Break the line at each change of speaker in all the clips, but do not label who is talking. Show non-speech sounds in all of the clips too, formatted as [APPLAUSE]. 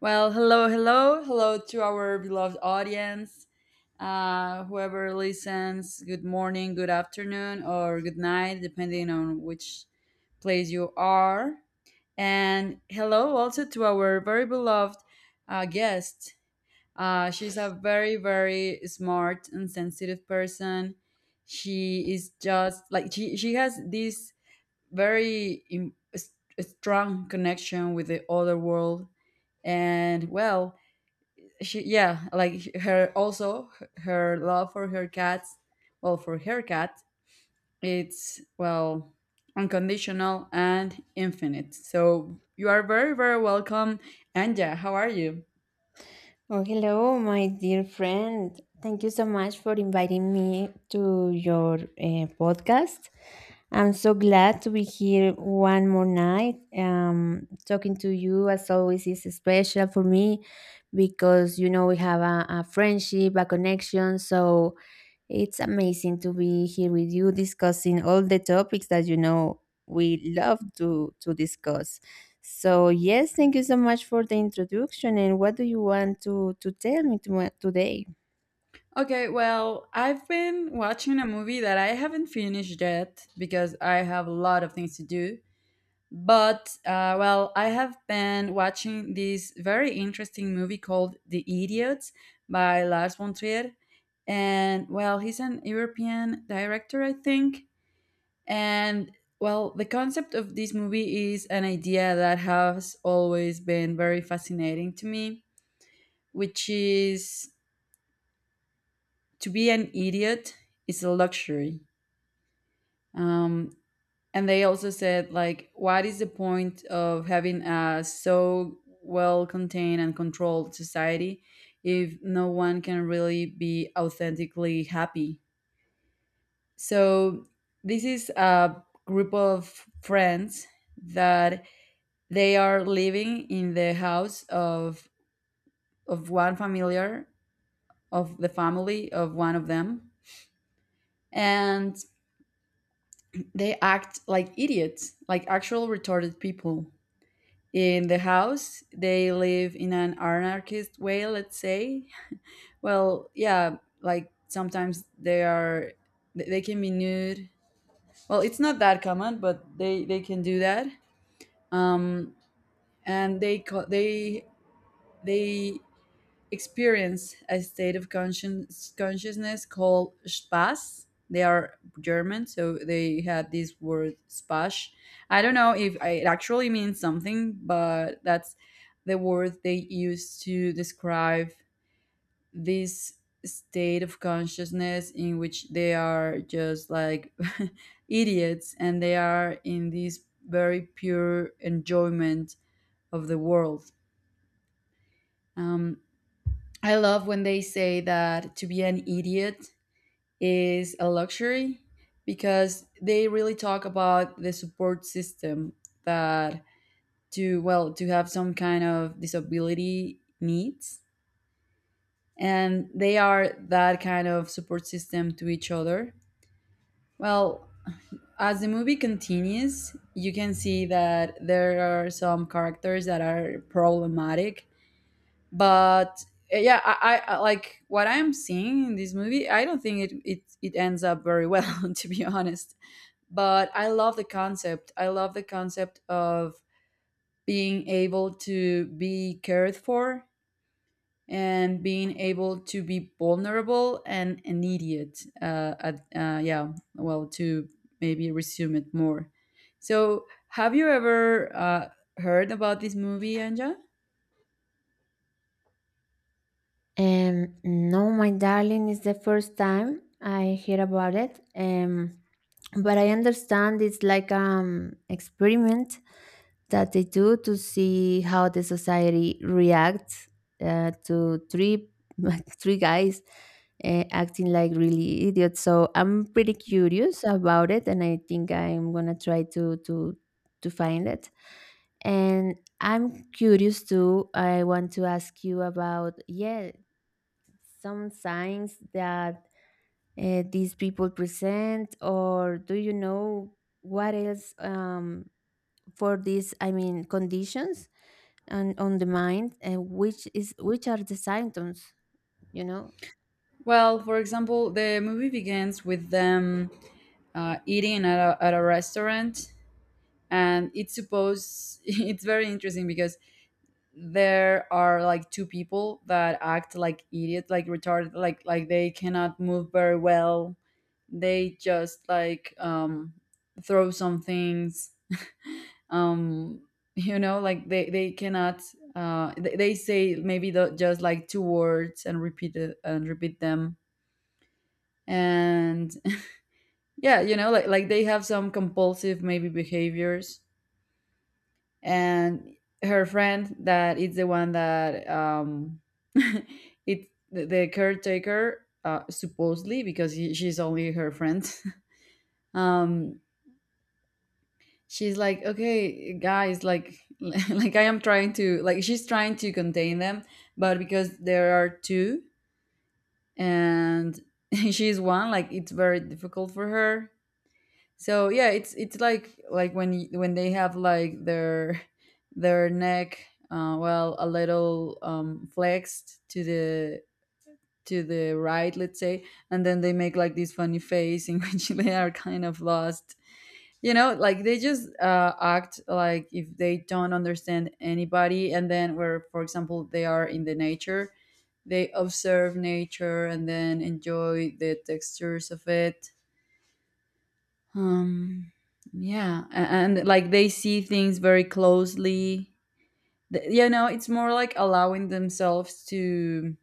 Well, hello, hello, hello to our beloved audience. Whoever listens, good morning, good afternoon, or good night, depending on which place you are. And hello also to our very beloved guest. She's a very, very smart and sensitive person. She is just like she has this very im- s- strong connection with the other world. And, well, she, yeah, like her, also her love for her cats, well, for her cat, it's, well, unconditional and infinite. So you are very, very welcome. Anja, how are you?
Oh, hello, my dear friend. Thank you so much for inviting me to your podcast. I'm so glad to be here one more night. Talking to you, as always, is special for me because you know we have a friendship, a connection. So it's amazing to be here with you discussing all the topics that you know we love to discuss. So yes, thank you so much for the introduction. And what do you want to tell me today?
Okay, well, I've been watching a movie that I haven't finished yet because I have a lot of things to do. But, well, I have been watching this very interesting movie called The Idiots, by Lars von Trier. And, well, he's an European director, I think. And, well, the concept of this movie is an idea that has always been very fascinating to me, which is, to be an idiot is a luxury. Um, And they also said, like, what is the point of having a so well contained and controlled society if no one can really be authentically happy? So, this is a group of friends that they are living in the house of one familiar, of the family of one of them, and they act like idiots, like actual retarded people. In the house they live in an anarchist way, let's say. Well, yeah, like sometimes they can be nude. Well, it's not that common, but they can do that. Um and they co- they they experience a state of conscience consciousness called Spaß. They are German, so they had this word Spaß. I don't know if it actually means something, but that's the word they use to describe this state of consciousness in which they are just like [LAUGHS] idiots, and they are in this very pure enjoyment of the world. Um, I love when they say that to be an idiot is a luxury, because they really talk about the support system that, to, well, to have some kind of disability needs, and they are that kind of support system to each other. Well, as the movie continues, you can see that there are some characters that are problematic, but yeah, like, what I'm seeing in this movie, I don't think it ends up very well, [LAUGHS] to be honest. But I love the concept of being able to be cared for, and being able to be vulnerable and an idiot. Yeah, well, to maybe resume it more. So, have you ever heard about this movie, Anja?
No, my darling, it's the first time I hear about it. But I understand it's like experiment that they do to see how the society reacts to three [LAUGHS] three guys acting like really idiots. So I'm pretty curious about it, and I think I'm gonna try to find it. And I'm curious too. I want to ask you about, yeah, some signs that these people present, or do you know what else for these, I mean, conditions and on the mind, and which are the symptoms, you know?
Well, for example, the movie begins with them eating at a restaurant, and it's supposed, [LAUGHS] it's very interesting because there are like two people that act like idiots, like retarded, like they cannot move very well. They just, like, throw some things, um, [LAUGHS] like they cannot. They say maybe the, just like two words and repeat it, and repeat them, and yeah, they have some compulsive maybe behaviors. And her friend that is the one that [LAUGHS] it, the caretaker, supposedly, because he, she's only her friend, [LAUGHS] um she's like, okay guys, like, [LAUGHS] like, I am trying to, like, she's trying to contain them, but because there are two and [LAUGHS] she's one, like, it's very difficult for her. So yeah, it's like, when when they have like their neck, well, a little, flexed to the right, let's say, and then they make like this funny face in [LAUGHS] which they are kind of lost. Like they just act like if they don't understand anybody, and then where, for example, they are in the nature, they observe nature and then enjoy the textures of it. um yeah, and like they see things very closely. It's more like allowing themselves to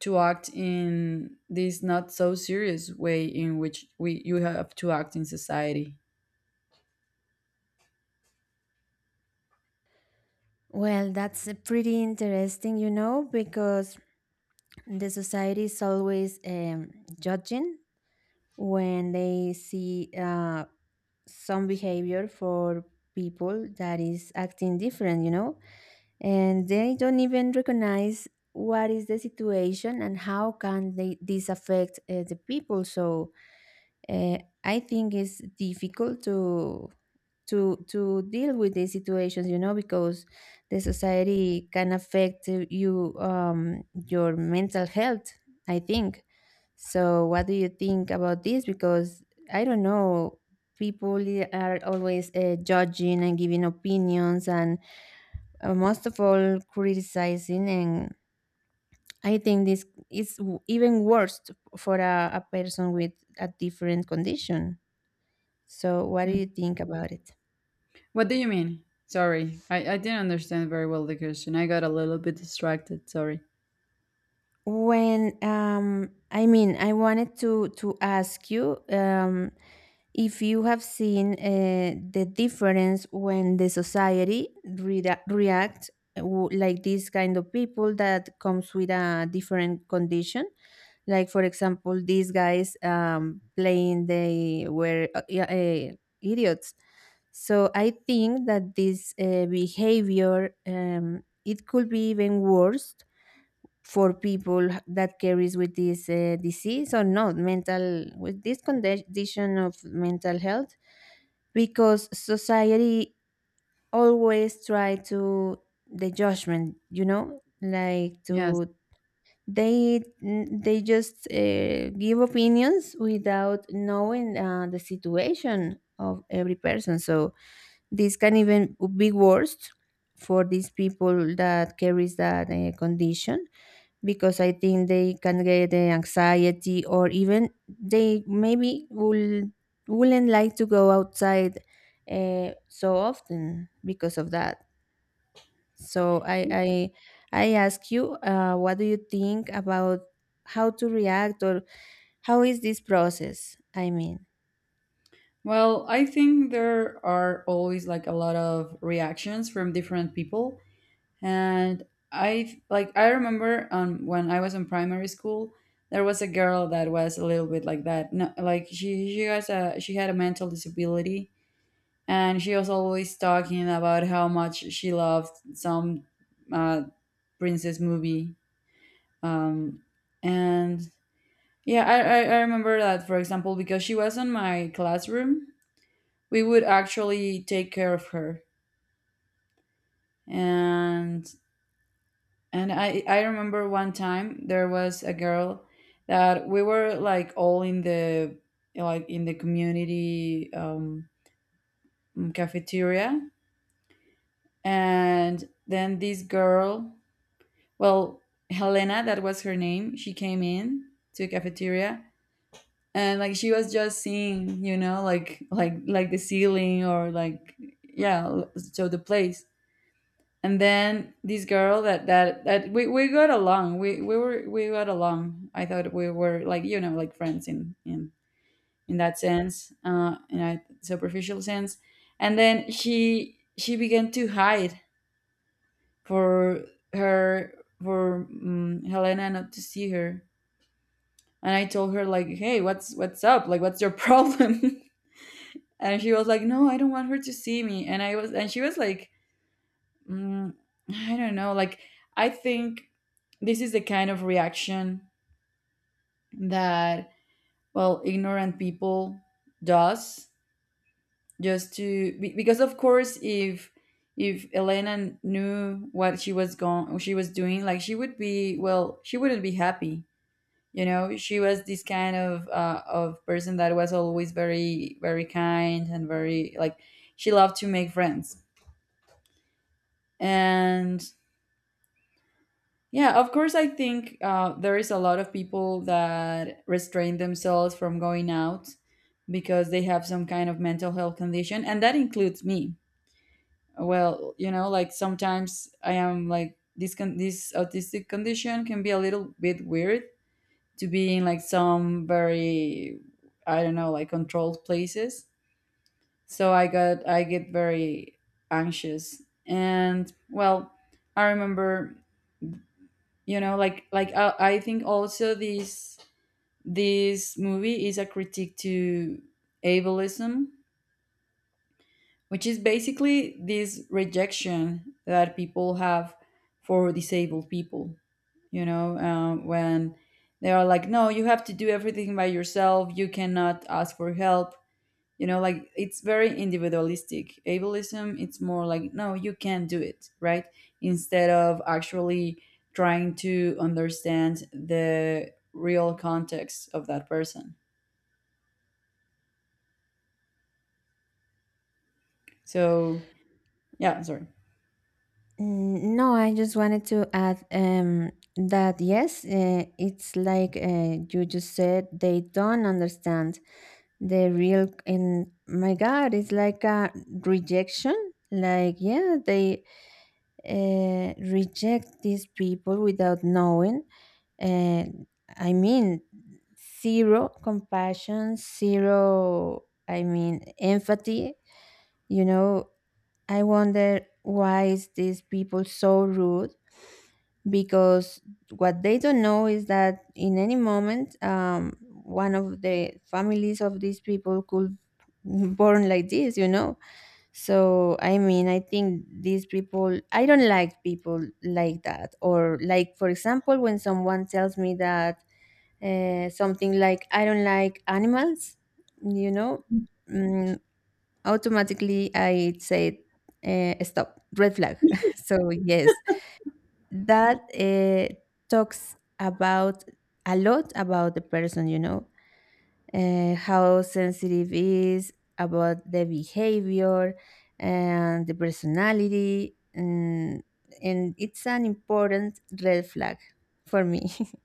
act in this not so serious way in which we you have to act in society.
Well, that's pretty interesting, you know, because the society is always judging when they see some behavior for people that is acting different, you know, and they don't even recognize what is the situation and how can they this affect the people. So uh, I think it's difficult to deal with these situations, you know, because the society can affect you, your mental health. I think. So, what do you think about this? Because I don't know, are always judging and giving opinions, and most of all, criticizing. And I think this is even worse for a person with a different condition. So, what do
Mm.
you think about it?
What do you mean, sorry? I didn't understand very well the question. I got a little bit distracted, sorry.
When I mean, I wanted to ask you, if you have seen the difference when the society reacts, like this kind of people that comes with a different condition, like for example these guys playing they were idiots. So I think that this behavior, it could be even worse for people that carries with this disease, or not mental, with this condition of mental health, because society always try to the judgment, you know, like
Yes.
to they just give opinions without knowing the situation of every person. So this can even be worse for these people that carries that condition, because I think they can get the anxiety, or even they maybe will wouldn't like to go outside so often because of that. So I ask you, what do you think about how to react or how is this process? I mean.
Well, I think there are always like a lot of reactions from different people. And I remember, when I was in primary school, there was a girl that was a little bit like that. No, like, she has a, she had a mental disability, and she was always talking about how much she loved some uh princess movie. Um and yeah, I remember that, for example, because she was in my classroom, we would actually take care of her. And and i i remember, one time there was a girl that we were like all in the, like in the community, cafeteria. And then this girl, well, Helena, that was her name, she came in to cafeteria, and like she was just seeing, you know, like, the ceiling, or like, yeah, so, the place. And then this girl, that, we, got along, we got along, I thought we were, like, you know, like friends, in, in that sense, in a superficial sense. And then she began to hide, for her, for Helena not to see her. And I told her, like, hey, what's up, like, what's your problem? [LAUGHS] And she was like, no, I don't want her to see me. And she was like, mm, I don't know. Like, I think this is the kind of reaction that, well, ignorant people does, just because, of course, if Elena knew what she was going, she was doing, like, she would be, well, she wouldn't be happy. You know, she was this kind of person that was always very, very kind and very, like, she loved to make friends. And yeah, of course, I think there is a lot of people that restrain themselves from going out because they have some kind of mental health condition, and that includes me. Well, like, sometimes I am like, this autistic condition can be a little bit weird, to be in, like, some very, I don't know, like, controlled places. So I get very anxious, and, well, I remember, you know, like, I think also this movie is a critique to ableism, which is basically this rejection that people have for disabled people, you know, when they are like, no, you have to do everything by yourself, you cannot ask for help. You know, like, it's very individualistic, ableism, it's more like, no, you can't do it right, instead of actually trying to understand the real context of that person. So, yeah, sorry.
Mm, no, I just wanted to add that yes, it's like, you just said, they don't understand the real, and my god, it's like a rejection. Like, yeah, they reject these people without knowing. And I mean, zero compassion, zero, I mean, empathy, you know. I wonder why is these people so rude, because what they don't know is that in any moment, one of the families of these people could [LAUGHS] born like this, you know. So I mean, I think these people, I don't like people like that. Or like for example, when someone tells me that, something like, I don't like animals, you know, mm, automatically I say, stop, red flag. [LAUGHS] So yes, that, eh, talks about a lot about the person, you know, eh, how sensitive is about the behavior and the personality, and it's an important red flag for me. [LAUGHS]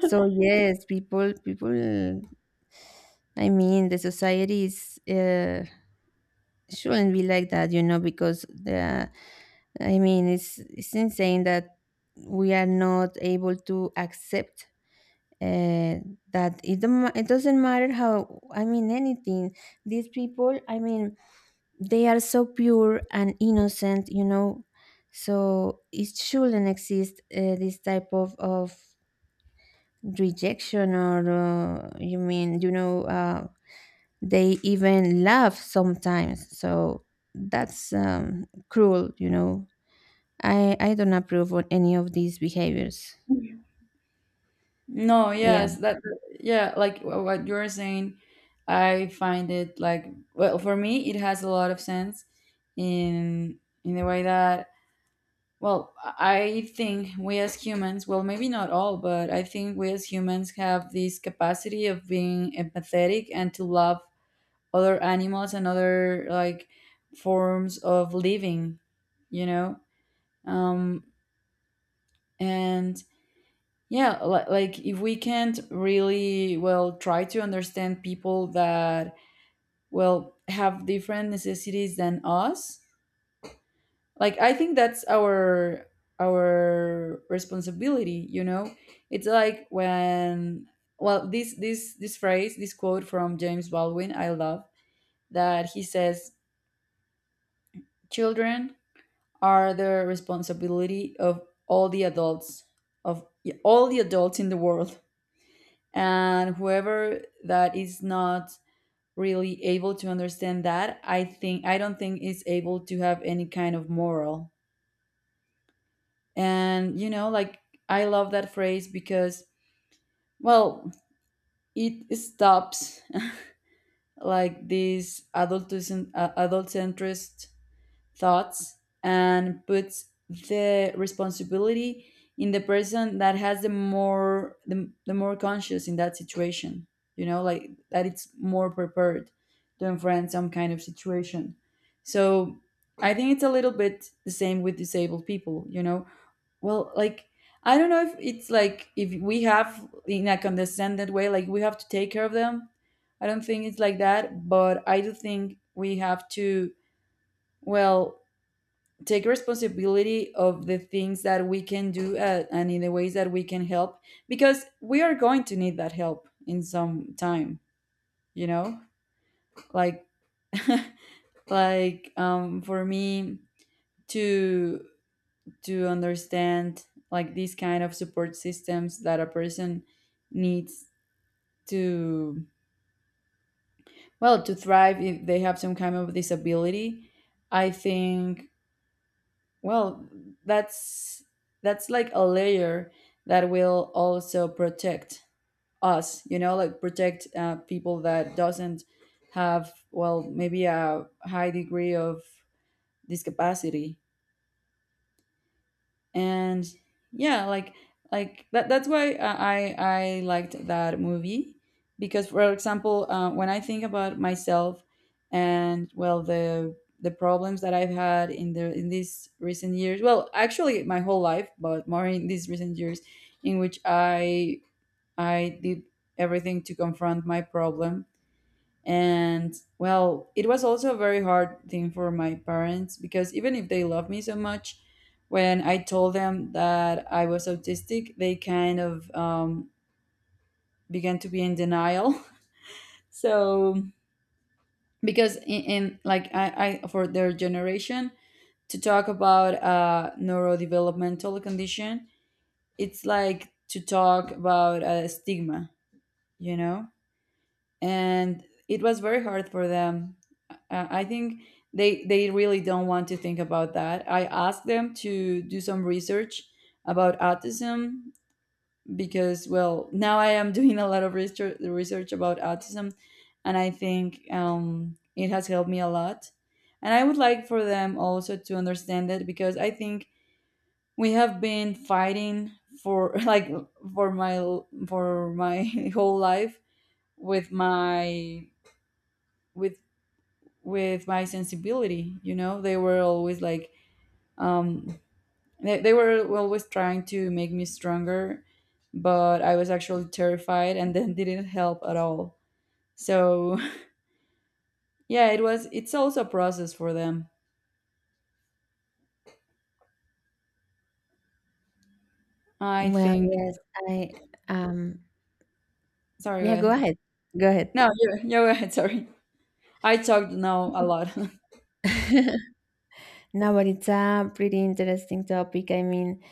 So yes, people, I mean, the society is, shouldn't be like that, you know, because the I mean, it's insane that we are not able to accept uh, that it don't, ma- it doesn't matter how, I mean, anything. These people, I mean, they are so pure and innocent, you know. So it shouldn't exist, this type of rejection or, you mean, you know, they even laugh sometimes. So that's, cruel, you know. I don't approve on any of these behaviors.
No,
Yeah.
yes, that, yeah, like, what you're saying, I find it, like, well, for me it has a lot of sense, in in the way that, well, I think we as humans, well, maybe not all, but I think we as humans have this capacity of being empathetic and to love other animals and other, like, forms of living, you know? Um, and yeah, like, if we can't really, well, try to understand people that, well, have different necessities than us, like, I think that's our responsibility, you know? It's like when, well, this phrase, this quote from James Baldwin I love, that he says, children are the responsibility of all the adults, of all the adults in the world. And whoever that is not really able to understand that, I don't think is able to have any kind of moral. And you know, like, I love that phrase because, well, it stops, like, these adult, adult centrist thoughts, and puts the responsibility in the person that has the more, the more conscious, in that situation, you know, like, that it's more prepared to confront some kind of situation. So, I think it's a little bit the same with disabled people, you know? Well, like, I don't know if it's like if we have in a condescended way, like we have to take care of them. I don't think it's like that, but I do think we have to, well, take responsibility of the things that we can do, and in the ways that we can help, because we are going to need that help in some time. You know, like [LAUGHS] like for me to to understand like these kind of support systems that a person needs to to thrive if they have some kind of disability. I think well that's that's like a layer that will also protect us, you know, like protect people that doesn't have, well, maybe a high degree of discapacity. And yeah like like that that's why I liked that movie because, for example, when I think about myself and, well, the problems that I've had in these recent years, well, actually my whole life, but more in these recent years in which I did everything to confront my problem. And, well, it was also a very hard thing for my parents, because even if they love me so much, when I told them that I was autistic, they kind of began to be in denial. [LAUGHS] So because in like I for their generation, to talk about a neurodevelopmental condition, it's like to talk about a stigma, you know, and it was very hard for them. I think they really don't want to think about that. I asked them to do some research about autism, because, well, now I am [LAUGHS] doing a lot of research about autism, and I think it has helped me a lot. And I would like for them also to understand it, because I think we have been fighting for, [LAUGHS] like, for my for my [LAUGHS] whole life with my with with my sensibility. You know, they were always like, um they were always trying to make me stronger, but I was actually terrified, and [LAUGHS] then didn't help at all. So [LAUGHS] yeah, it's also a process for them, I
Well,
think.
yes, I um
Sorry, go
yeah, go
ahead.
ahead. Go ahead.
No, you go ahead, sorry. I talked now a lot. [LAUGHS]
[LAUGHS] No, but it's a pretty interesting topic. I mean,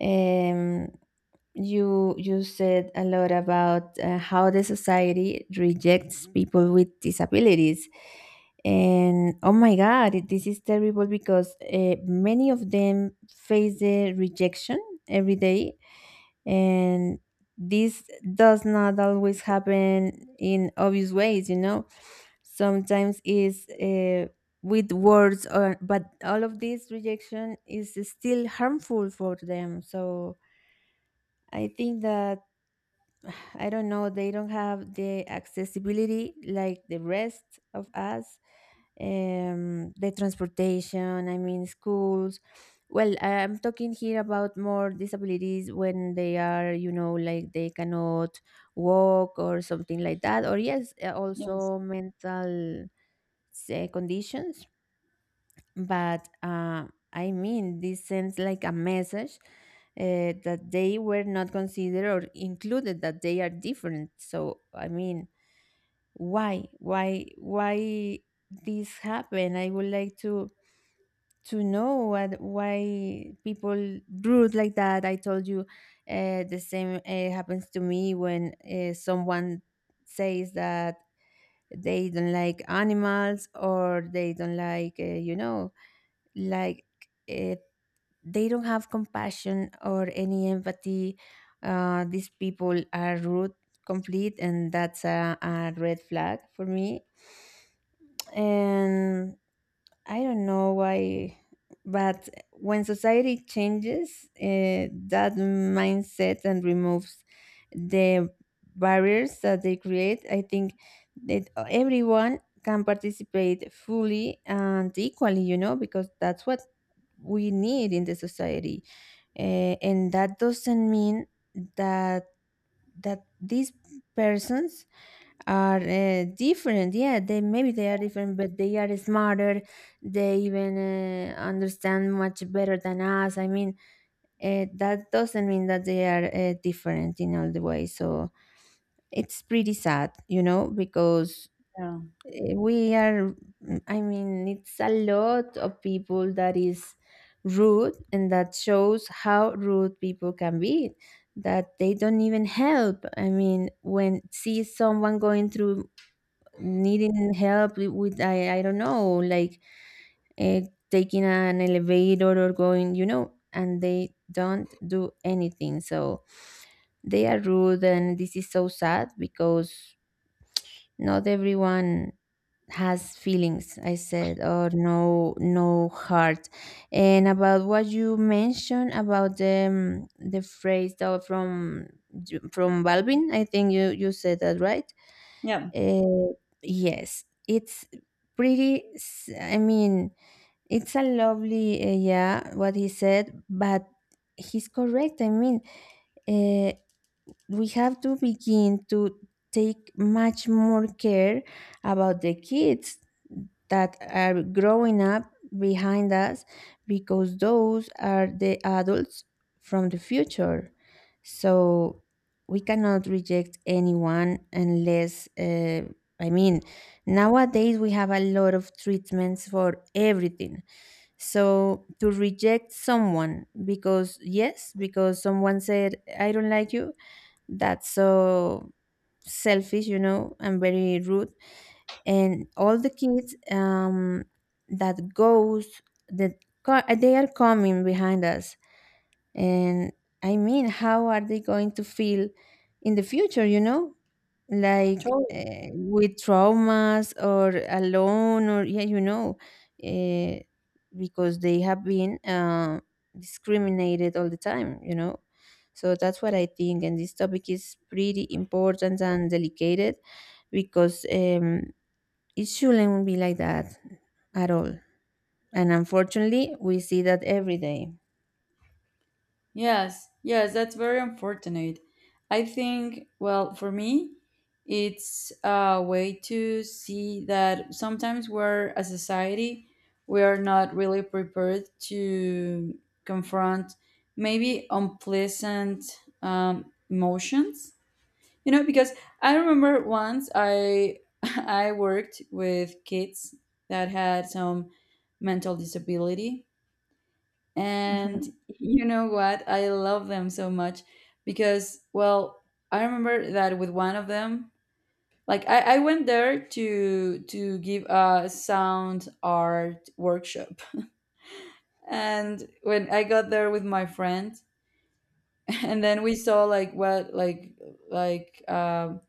um you you said a lot about how the society rejects people with disabilities. And oh my God, this is terrible because many of them face the rejection every day, and this does not always happen in obvious ways, you know. Sometimes is with words, or but all of this rejection is still harmful for them. So I think that I don't know, they don't have the accessibility like the rest of us. The transportation, I mean, schools. Well, I'm talking here about more disabilities when they are, you know, like they cannot walk or something like that. Or, yes,
Yes.
also mental say, conditions, but I mean, this sends like a message that they were not considered or included, that they are different. So, I mean, why this happened? I would like to know what why people rude like that. I told you the same happens to me when someone says that they don't like animals or they don't like, you know, like uh, they don't have compassion or any empathy. These people are rude, complete, and that's a red flag for me. And I don't know why, but when society changes, that mindset and removes the barriers that they create, I think that everyone can participate fully and equally, you know, because that's what we need in the society. Eh, and that doesn't mean that that these persons are different. Yeah, they maybe they are different, but they are smarter. They even understand much better than us. I mean, that doesn't mean that they are different in all the way. So it's pretty sad, you know, because
Yeah,
eh, we are, I mean, it's a lot of people that is rude, and that shows how rude people can be, that they don't even help. I mean, when see someone going through needing help with, I don't know, like, uh, taking an elevator or going, you know, and they don't do anything. So they are rude, and this is so sad because not everyone has feelings. I said, or no, no heart. And about what you mentioned about the, the phrase that from Balvin, I think you said that right.
yeah,
Uh, yes, it's pretty. I mean, it's a lovely, yeah, what he said, but he's correct. I mean, uh, we have to begin to take much more care about the kids that are growing up behind us, because those are the adults from the future. So we cannot reject anyone unless, I mean, nowadays we have a lot of treatments for everything. So to reject someone because, yes, because someone said, I don't like you, that's so selfish, you know, and very rude. And all the kids, that goes, that they are coming behind us, and I mean, how are they going to feel in the future, you know? Like
totally.
with traumas or alone, or yeah, you know, uh, because they have been discriminated all the time, you know? So that's what I think. And this topic is pretty important and delicate, because it shouldn't be like that at all. And unfortunately, we see that every day.
Yes, yes, that's very unfortunate. I think, well, for me, it's a way to see that sometimes we're, as a society, we are not really prepared to confront maybe unpleasant emotions. You know, because I remember once I [LAUGHS] I worked with kids that had some mental disability. And
Mhm.
you know what? I love them so much because, well, I remember that with one of them, like I went there to give a sound art workshop. And when I got there with my friend, [LAUGHS] and then we saw like what like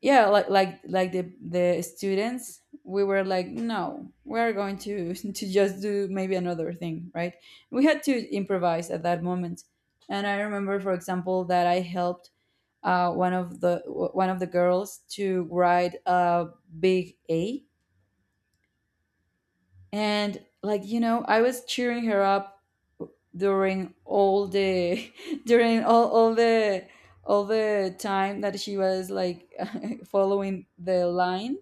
yeah like the students, we were like, no, we're going to [LAUGHS] to just do maybe another thing, right? We had to improvise at that moment. And I remember, for example, that I helped uh, one of the one of the girls to write a big A. And, like, you know, I was cheering her up during all the [LAUGHS] during all the time that she was like [LAUGHS] following the line,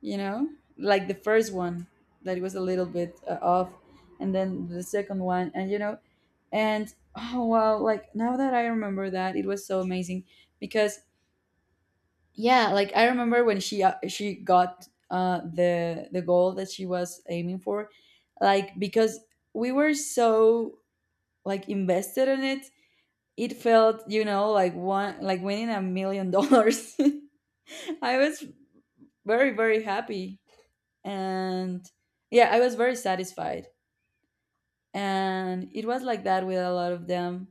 you know, like the first one that it was a little bit off, and then the second one, and you know, and oh wow, like, now that I remember that, it was so amazing, because, yeah, like, I remember when she got the goal that she was aiming for, like, because we were so, like, invested in it, it felt, you know, like, one like winning $1 million. [LAUGHS] I was very very happy, and yeah, I was very satisfied. And it was like that with a lot of them.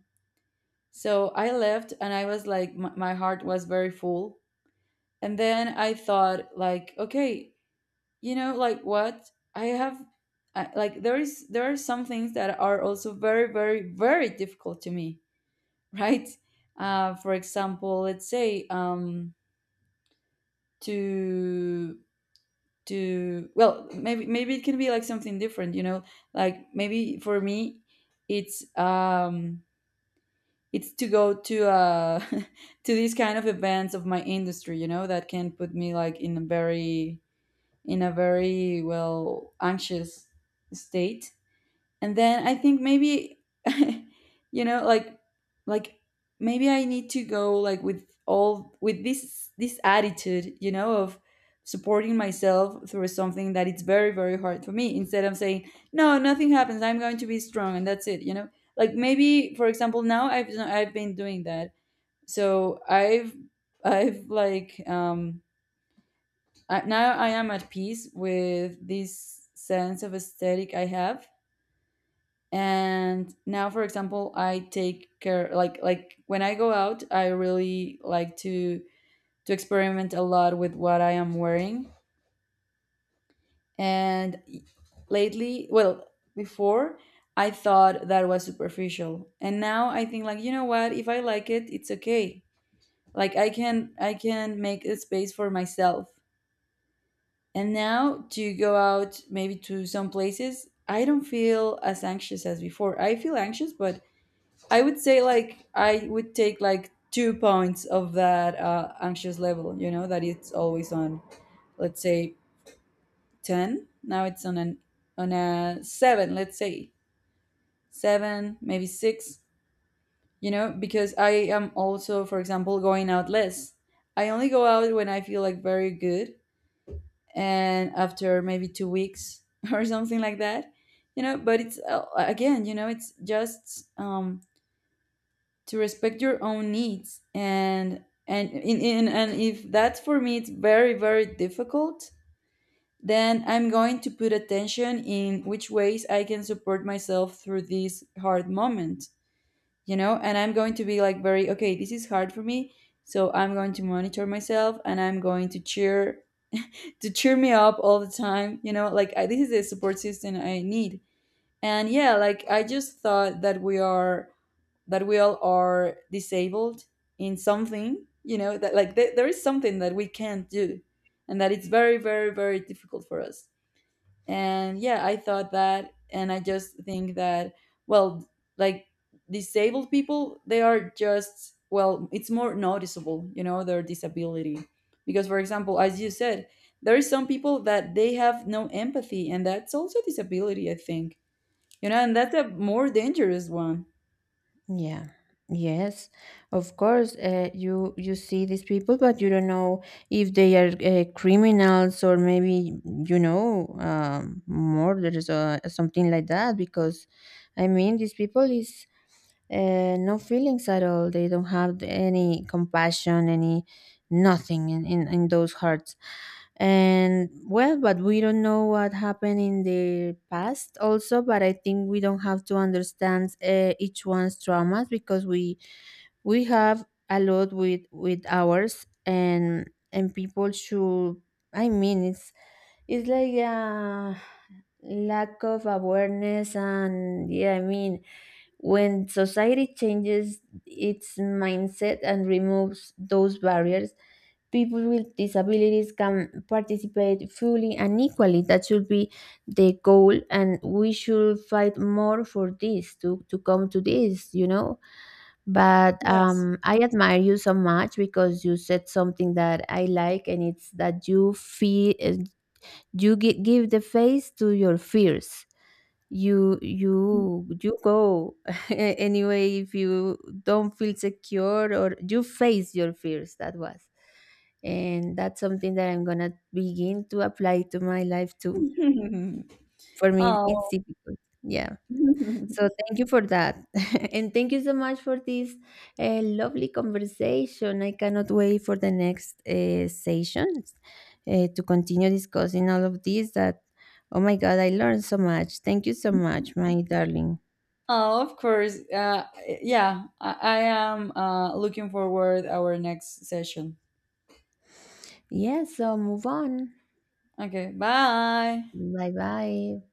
So I left, and I was like, my heart was very full. And then I thought, like, okay, you know, like, what I have, like, there is there are some things that are also very very very difficult to me, [LAUGHS] right? For example, let's say, to to well maybe maybe it can be like something different, you know? Like, maybe for me, it's um it's to go to [LAUGHS] to these kind of events of my industry, you know, that can put me like in a very, in a very, well, anxious state. And then I think, maybe, [LAUGHS] you know, like, maybe I need to go like with all, with this attitude, you know, of supporting myself through something that it's very very hard for me, instead of saying, no, nothing happens, I'm going to be strong, and that's it, you know? Like, maybe, for example, now I've been doing that. So i've like um now I am at peace with this sense of aesthetic I have. And now, for example, I take care, like, when I go out, I really like to experiment a lot with what I am wearing. And lately, well, before, I thought that was superficial, and now I think, like, you know what, if I like it, it's okay. Like, I can make a space for myself. And now, to go out maybe to some places, I don't feel as anxious as before. I feel anxious, but I would say, like, I would take, like, 2 points of that anxious level, you know, that it's always on. Let's say ten. Now it's on an on a seven. Let's say seven, maybe six. You know, because I am also, for example, going out less. I only go out when I feel like very good, and after maybe 2 weeks [LAUGHS] or something like that. You know, but it's, again, you know, it's just, to respect your own needs. And in and if that's, for me, it's very very difficult, then I'm going to put attention in which ways I can support myself through this hard moment. You know, and I'm going to be like, very, okay, this is hard for me, so I'm going to monitor myself and I'm going to cheer, to cheer me up all the time, you know, like, this is the support system I need. And yeah, like, I just thought that we are, that we all are disabled in something, you know, that, like, there is something that we can't do, and that it's very very very difficult for us. And yeah, I thought that, and I just think that, well, like, disabled people, they are just, well, it's more noticeable, you know, their disability. Because, for example, as you said, there is some people that they have no empathy, and that's also a disability, I think. You know, and that's a more dangerous one.
Yeah. Yes. Of course, you you see these people, but you don't know if they are criminals or maybe, you know, murderers or something like that. Because, I mean, these people is, no feelings at all. They don't have any compassion, any nothing in those hearts. And well, but we don't know what happened in the past also. But I think we don't have to understand each one's traumas, because we have a lot with ours. And people should, I mean, it's like a lack of awareness. And yeah, I mean, when society changes its mindset and removes those barriers, people with disabilities can participate fully and equally. That should be the goal, and we should fight more for this to come to this, you know. But
Yes.
I admire you so much, because you said something that I like, and it's that you feel you give the face to your fears. You you go [LAUGHS] anyway. If you don't feel secure, or you face your fears, that was, and that's something that I'm gonna begin to apply to my life too.
[LAUGHS]
For me, it's
Oh.
difficult, yeah. So
[LAUGHS]
thank you for that. [LAUGHS] And thank you so much for this lovely conversation. I cannot wait for the next sessions, to continue discussing all of this that, oh my god, I learned so much. Thank you so much, my darling.
Oh, of course. Yeah, I am looking forward our next session.
Yes, so move on.
Okay, bye.
Bye bye.